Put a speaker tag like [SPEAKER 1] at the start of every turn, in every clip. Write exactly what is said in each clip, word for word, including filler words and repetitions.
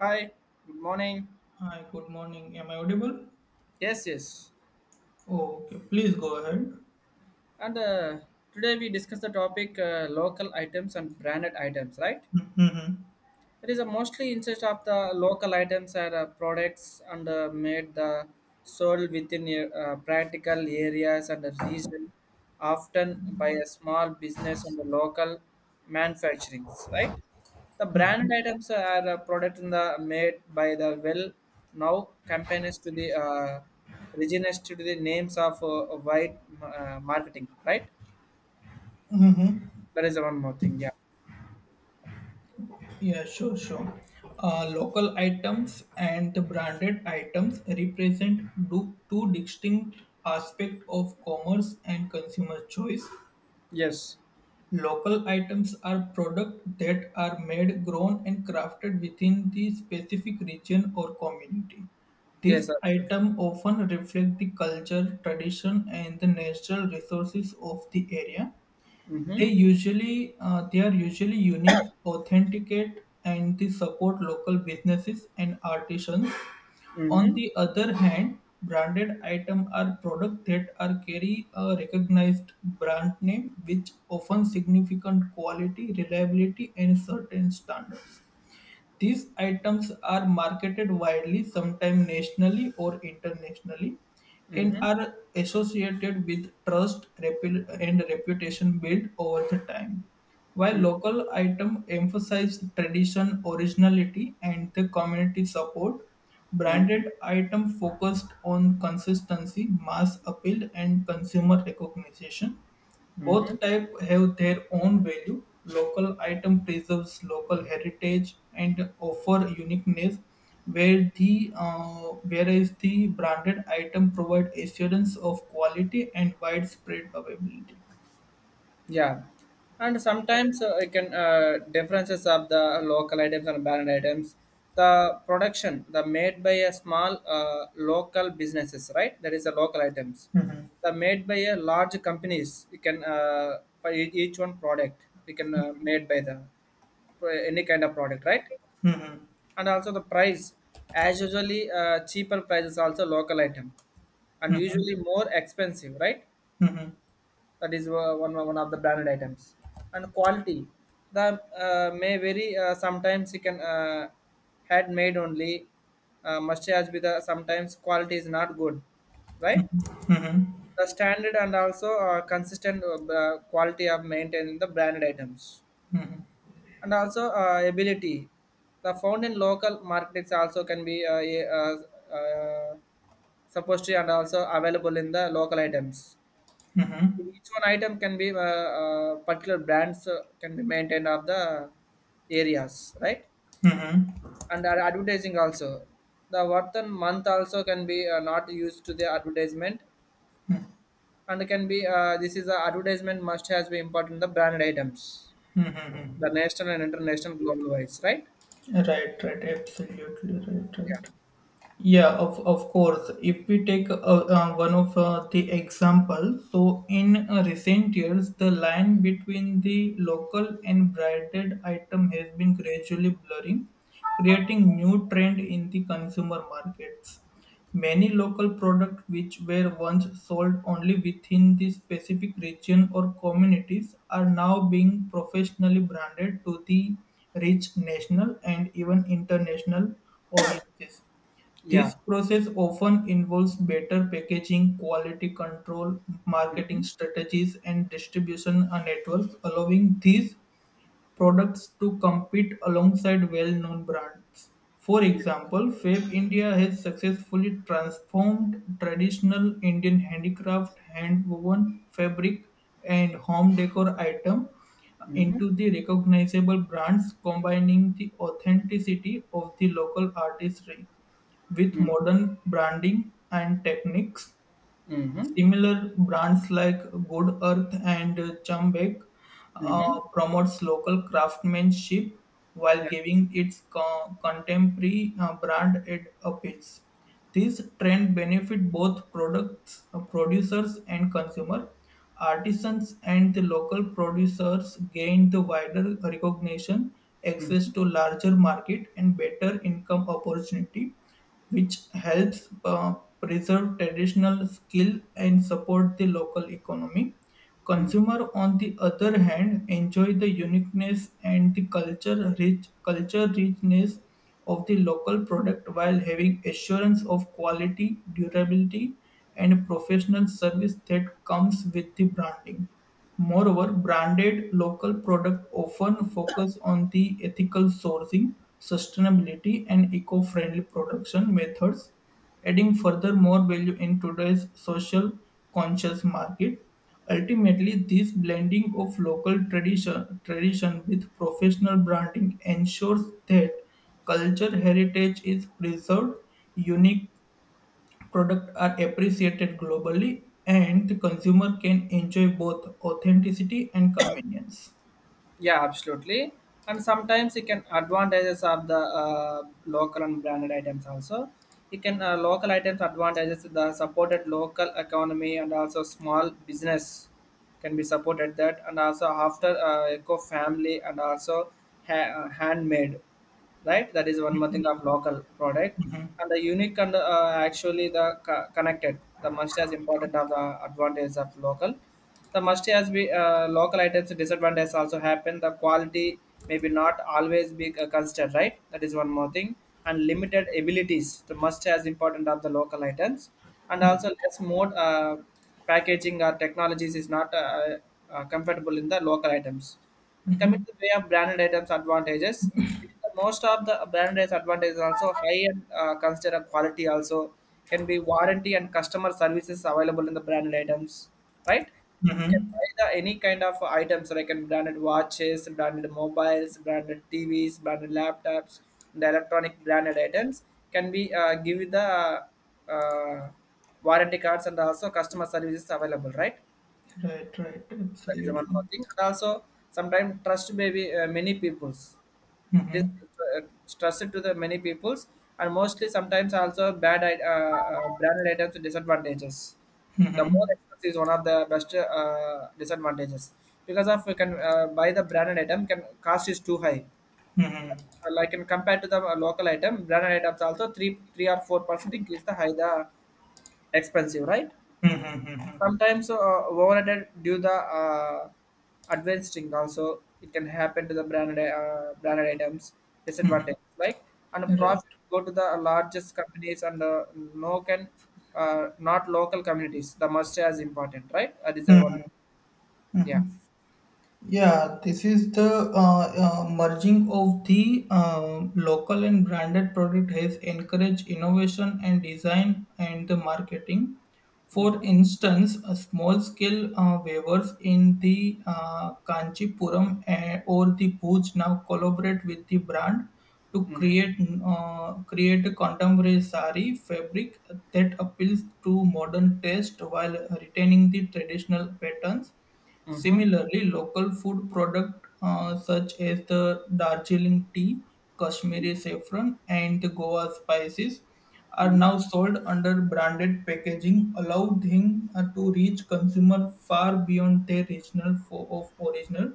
[SPEAKER 1] Hi, good morning.
[SPEAKER 2] Hi, good morning. Am I audible?
[SPEAKER 1] Yes, yes.
[SPEAKER 2] Oh, okay. Please go ahead.
[SPEAKER 1] And uh, today we discuss the topic uh, local items and branded items, right?
[SPEAKER 2] Mm-hmm.
[SPEAKER 1] It is a mostly interest of the local items or uh, products and uh, made the sold within uh, practical areas and the region, often by a small business and the local manufacturings, right? The branded items are a product in the uh, made by the well now companies to the uh, regions to the names of uh, white uh, marketing, right? There is one more thing, yeah.
[SPEAKER 2] Yeah, sure, sure. Uh, local items and the branded items represent do, two distinct aspects of commerce and consumer choice.
[SPEAKER 1] Yes,
[SPEAKER 2] Local items are products that are made, grown, and crafted within the specific region or community. These
[SPEAKER 1] yes, absolutely.
[SPEAKER 2] items often reflect the culture, tradition, and the natural resources of the area. They
[SPEAKER 1] Mm-hmm.
[SPEAKER 2] usually uh, they are usually unique, authenticate, and they support local businesses and artisans. On
[SPEAKER 1] Mm-hmm.
[SPEAKER 2] the other hand, branded items are products that are carry a recognized brand name, which often significant quality, reliability, and certain standards. These items are marketed widely, sometimes nationally or internationally, and
[SPEAKER 1] Mm-hmm.
[SPEAKER 2] are associated with trust repu- and reputation built over the time. While
[SPEAKER 1] Mm-hmm.
[SPEAKER 2] local items emphasize tradition, originality, and the community support,
[SPEAKER 1] Mm-hmm.
[SPEAKER 2] branded items focused on consistency, mass appeal, and consumer recognition.
[SPEAKER 1] Mm-hmm.
[SPEAKER 2] Both types have their own value; local item preserves local heritage and offer uniqueness, where the uh, whereas the branded item provide assurance of quality and widespread availability.
[SPEAKER 1] Yeah, and sometimes uh, I can uh, differences of the local items and brand items. The production, the made by a small uh, local businesses, right? That is the local items. The made by a large companies. You can uh, by ea- each one product. You can uh, made by the by any kind of product, right? And also the price, as usually uh, cheaper prices also local item, and usually more expensive, right?
[SPEAKER 2] Mhm.
[SPEAKER 1] That is uh, one one of the branded items and quality the uh, may vary uh, sometimes you can uh, had made only uh, must has with the sometimes quality is not good, right, the standard and also uh, consistent uh, uh, quality of maintaining the branded items and also uh, ability the found in local markets also can be uh, a- uh, uh, supposed to and also available in the local items, each one item can be uh, uh, particular brands uh, can be maintained of the areas, right? And ad- advertising also. The worth and month also can be uh, not used to the advertisement, and can be uh, this is the advertisement must has be important the branded items, the national and international global wise, right?
[SPEAKER 2] Right, right, absolutely right, right. Yeah, of, of course. If we take uh, uh, one of uh, the example, so in uh, recent years, the line between the local and branded item has been gradually blurring, creating new trend in the consumer markets. Many local products which were once sold only within the specific region or communities are now being professionally branded to the reach national and even international audiences.
[SPEAKER 1] Yeah.
[SPEAKER 2] This
[SPEAKER 1] Yeah.
[SPEAKER 2] process often involves better packaging, quality control, marketing strategies, and distribution uh, networks, allowing these products to compete alongside well-known brands. For
[SPEAKER 1] Yeah.
[SPEAKER 2] example, Fab India has successfully transformed traditional Indian handicraft, hand-woven fabric, and home decor item
[SPEAKER 1] Mm-hmm.
[SPEAKER 2] into the recognizable brands, combining the authenticity of the local artistry with modern branding and techniques.
[SPEAKER 1] Mm-hmm.
[SPEAKER 2] Similar brands like Good Earth and Chambek
[SPEAKER 1] Mm-hmm.
[SPEAKER 2] uh, promotes local craftsmanship while
[SPEAKER 1] Yeah.
[SPEAKER 2] giving its co- contemporary uh, brand it appeals. This trend benefit both products uh, producers and consumer. Artisans and the local producers gain the wider recognition, access to larger market, and better income opportunity which helps uh, preserve traditional skill and support the local economy.
[SPEAKER 1] Mm-hmm.
[SPEAKER 2] Consumer, on the other hand, enjoy the uniqueness and the culture rich culture richness of the local product while having assurance of quality, durability, and professional service that comes with the branding. Moreover, branded local products often focus on the ethical sourcing, sustainability, and eco-friendly production methods, adding further more value in today's social conscious market. Ultimately, this blending of local tradition, tradition with professional branding ensures that culture heritage is preserved, unique products are appreciated globally and the consumer can enjoy both authenticity and convenience.
[SPEAKER 1] Yeah, absolutely. And sometimes it can advantages of the uh, local and branded items also. It can uh, local items advantages the supported local economy and also small business can be supported that and also after uh, eco family and also ha- uh, handmade, right? That is one more thing of local product and the unique and uh, actually the co- connected. The must as important of the advantage of local. The must has be uh, local items disadvantage also happen. The quality maybe not always be uh, considered, right? That is one more thing. And limited abilities. The must as important of the local items and also less more uh, packaging or technologies is not uh, uh, comfortable in the local items, and coming to the way of branded items advantages, it is the most of the branded advantages also high and uh, consider quality also can be warranty and customer services available in the branded items, right? You can buy
[SPEAKER 2] Hmm.
[SPEAKER 1] the, any kind of items like in branded watches, branded mobiles, branded T Vs, branded laptops, and the electronic branded items can be uh, give you the uh, warranty cards and also customer services available, right?
[SPEAKER 2] Right, right,
[SPEAKER 1] That is
[SPEAKER 2] absolutely.
[SPEAKER 1] one more thing. And also, sometimes trust may be uh, many people's. It is
[SPEAKER 2] Hmm.
[SPEAKER 1] uh, trusted to the many people's, and mostly sometimes also bad i- uh, uh, branded items with disadvantages. The more
[SPEAKER 2] Hmm.
[SPEAKER 1] expensive is one of the best uh, disadvantages because of you can uh, buy the branded item can cost is too high. Uh, like in compared to the uh, local item, branded items also three three or four percent increase the high the expensive, right, sometimes uh, overrated due the uh, adventuring also it can happen to the branded uh, branded items disadvantage like and
[SPEAKER 2] Right.
[SPEAKER 1] profit go to the largest companies and uh, no can uh, not local communities the must as important right that is the one, yeah.
[SPEAKER 2] Yeah, this is the uh, uh, merging of the um local and branded product has encouraged innovation and design and the marketing. For
[SPEAKER 1] Mm-hmm.
[SPEAKER 2] instance, a small scale uh, waivers in the uh, Kanchipuram eh, or the Bhuj now collaborate with the brand to
[SPEAKER 1] Mm-hmm.
[SPEAKER 2] create uh, create a contemporary sari fabric that appeals to modern taste while retaining the traditional patterns.
[SPEAKER 1] Mm-hmm.
[SPEAKER 2] Similarly, local food products such as the Darjeeling tea, Kashmiri saffron, and the Goa spices are
[SPEAKER 1] Mm-hmm.
[SPEAKER 2] now sold under branded packaging, allowing them uh, to reach consumer far beyond their regional fo- of original.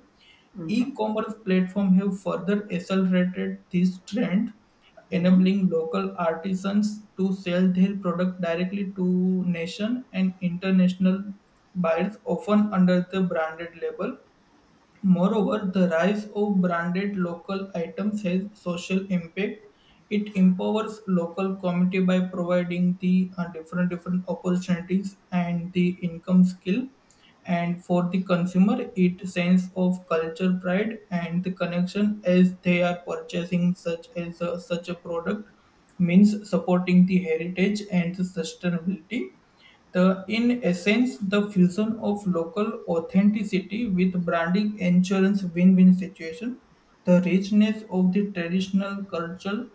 [SPEAKER 1] Mm-hmm.
[SPEAKER 2] E-commerce platforms have further accelerated this trend, enabling local artisans to sell their product directly to nation and international buyers, often under the branded label. Moreover, the rise of branded local items has social impact. It empowers local community by providing the uh, different different opportunities and the income skill. And for the consumer, it sense of culture pride and the connection as they are purchasing such as a, such a product means supporting the heritage and the sustainability. The in essence the fusion of local authenticity with branding ensures win-win situation. The richness of the traditional culture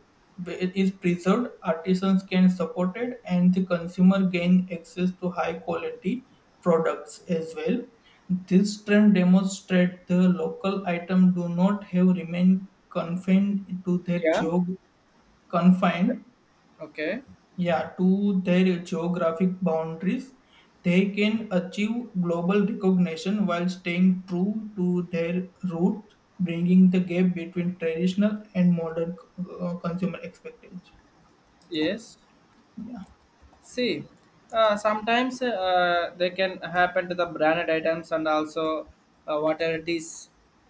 [SPEAKER 2] is preserved, artisans can support it, and the consumer gain access to high quality products as well. This trend demonstrates the local item do not have remained confined to their
[SPEAKER 1] Yeah.
[SPEAKER 2] geog- confined,
[SPEAKER 1] Okay.
[SPEAKER 2] yeah, to their geographic boundaries, they can achieve global recognition while staying true to their roots, bringing the gap between traditional and modern uh, consumer expectations.
[SPEAKER 1] Yes.
[SPEAKER 2] Yeah,
[SPEAKER 1] See, uh, sometimes uh, they can happen to the branded items and also uh, whatever it is.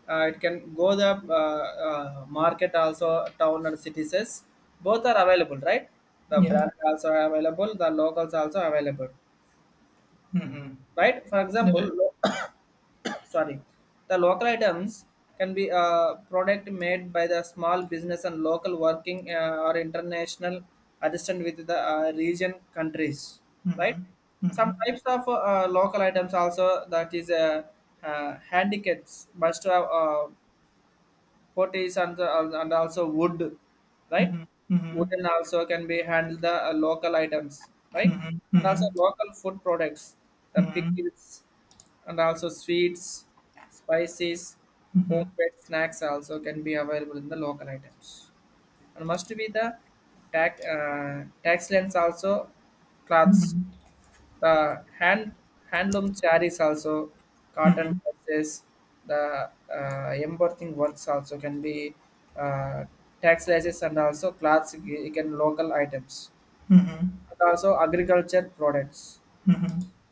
[SPEAKER 1] Uh, it can go the uh, uh, market also town and cities. Both are available, right? The
[SPEAKER 2] yeah.
[SPEAKER 1] brand also available. The locals also available,
[SPEAKER 2] Mm-hmm.
[SPEAKER 1] right? For
[SPEAKER 2] Yeah.
[SPEAKER 1] example, sorry, the local items can be a product made by the small business and local working uh, or international assistant with the uh, region countries, right?
[SPEAKER 2] Mm-hmm.
[SPEAKER 1] Some
[SPEAKER 2] Mm-hmm.
[SPEAKER 1] types of uh, local items also that is uh, uh, handicaps must have uh, potties and and also wood, right?
[SPEAKER 2] Mm-hmm.
[SPEAKER 1] Wooden also can be handled the uh, local items, right?
[SPEAKER 2] Mm-hmm.
[SPEAKER 1] And also
[SPEAKER 2] Mm-hmm.
[SPEAKER 1] local food products, the
[SPEAKER 2] Mm-hmm. Mm-hmm.
[SPEAKER 1] pickles, and also sweets, spices, homemade snacks also can be available in the local items. And must be the tax uh, tax lens also cloths the hand handloom sarees also cotton
[SPEAKER 2] Mm-hmm.
[SPEAKER 1] dresses the uh, embossing works also can be uh, textiles and also cloths you can local items and also agriculture products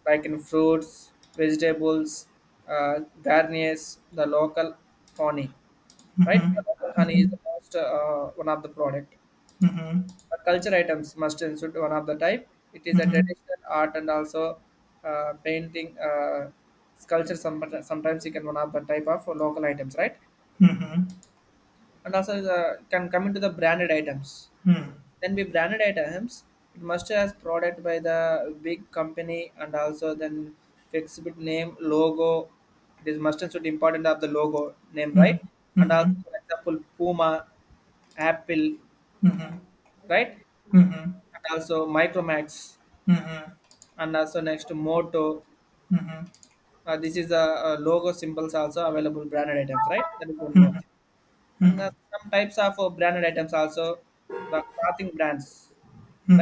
[SPEAKER 1] like in fruits vegetables uh, garniers the local honey, right, the local honey is the most uh, one of the product, but culture items must include one of the type. It is a traditional art and also uh, painting, uh, sculpture. Some, sometimes you can one of the type of local items, right?
[SPEAKER 2] Mm-hmm. Mm-hmm. Mm-hmm.
[SPEAKER 1] And also the, can come into the branded items. Then be branded items. It must has product by the big company and also then flexible name logo. It is must and should important of the logo name, right? And also for example Puma, Apple,
[SPEAKER 2] Mm-hmm. Mm-hmm.
[SPEAKER 1] right?
[SPEAKER 2] Mm-hmm.
[SPEAKER 1] And also Micromax and also next Moto, uh, this is a, uh logo symbols also available branded items, right, that is one more thing. And uh, some types of uh, branded items also the clothing brands,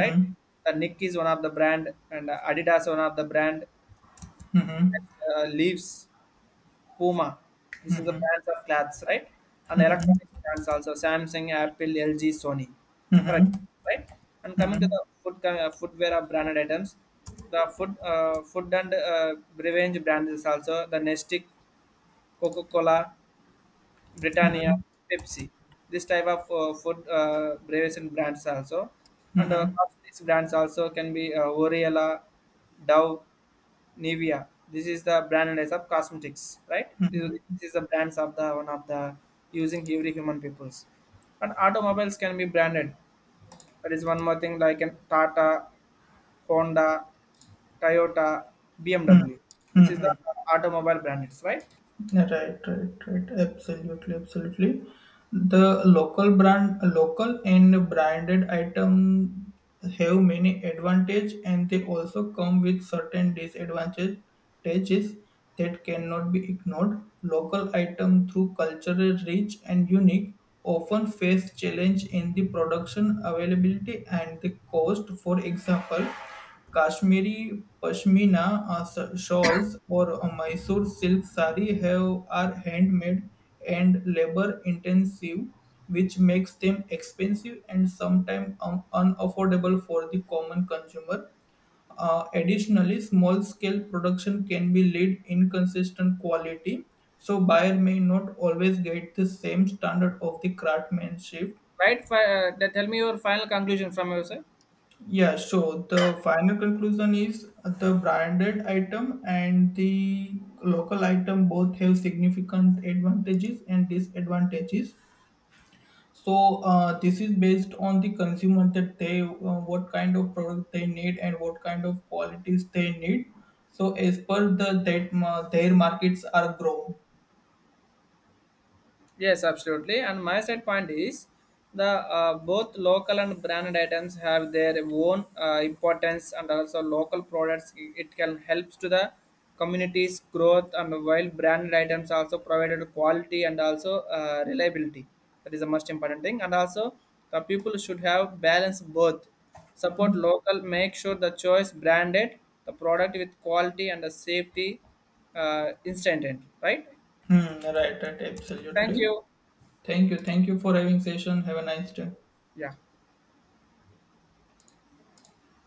[SPEAKER 1] right, the nick is one of the brand and uh, adidas one of the brand,
[SPEAKER 2] Mm-hmm.
[SPEAKER 1] next, uh, leaves Puma. This is the brands of clothes, right? And electronic brands also Samsung, Apple, L G, Sony, for
[SPEAKER 2] Mm-hmm.
[SPEAKER 1] example, right? And coming to
[SPEAKER 2] Mm-hmm.
[SPEAKER 1] the food uh, footwear of branded items, the food uh, food and uh, beverage brands is also the Nestic, Coca Cola, Britannia, Pepsi. This type of uh, food uh, beverage and brands also, and uh, cosmetics brands also can be uh, Oriela, Dove, Nivea. This is the brand names of cosmetics, right? This is this is the brands of the one of the using every human peoples. And automobiles can be branded. That is one more thing like an Tata, Honda, Toyota, B M W. This is the
[SPEAKER 2] Mm-hmm.
[SPEAKER 1] automobile branded, right?
[SPEAKER 2] Yeah, right, right, right. Absolutely, absolutely. The local brand, local and branded item have many advantage, and they also come with certain disadvantages that cannot be ignored. Local item through cultural rich and unique often face challenge in the production availability and the cost. For example, Kashmiri pashmina uh, sh- shawls or uh, Mysore silk sari have are handmade and labor intensive, which makes them expensive and sometimes un- unaffordable for the common consumer. Uh, additionally, small scale production can be lead inconsistent quality, so buyer may not always get the same standard of the craftsmanship.
[SPEAKER 1] Right. Fi- uh, tell me your final conclusion from your side.
[SPEAKER 2] Yeah, so the final conclusion is the branded item and the local item both have significant advantages and disadvantages. So uh, this is based on the consumer that they uh, what kind of product they need and what kind of qualities they need. So as per the that ma- their markets are grown.
[SPEAKER 1] Yes, absolutely. And my side point is the uh, both local and branded items have their own uh, importance, and also local products i- it can helps to the community's growth. And while branded items also provided quality and also uh, reliability, that is the most important thing. And also the people should have balance both. Support local, make sure the choice branded, the product with quality and the safety uh, instant, right?
[SPEAKER 2] Hmm, right, right,
[SPEAKER 1] Thank
[SPEAKER 2] absolutely.
[SPEAKER 1] you.
[SPEAKER 2] Thank you, thank you for having session. Have a nice day.
[SPEAKER 1] Yeah.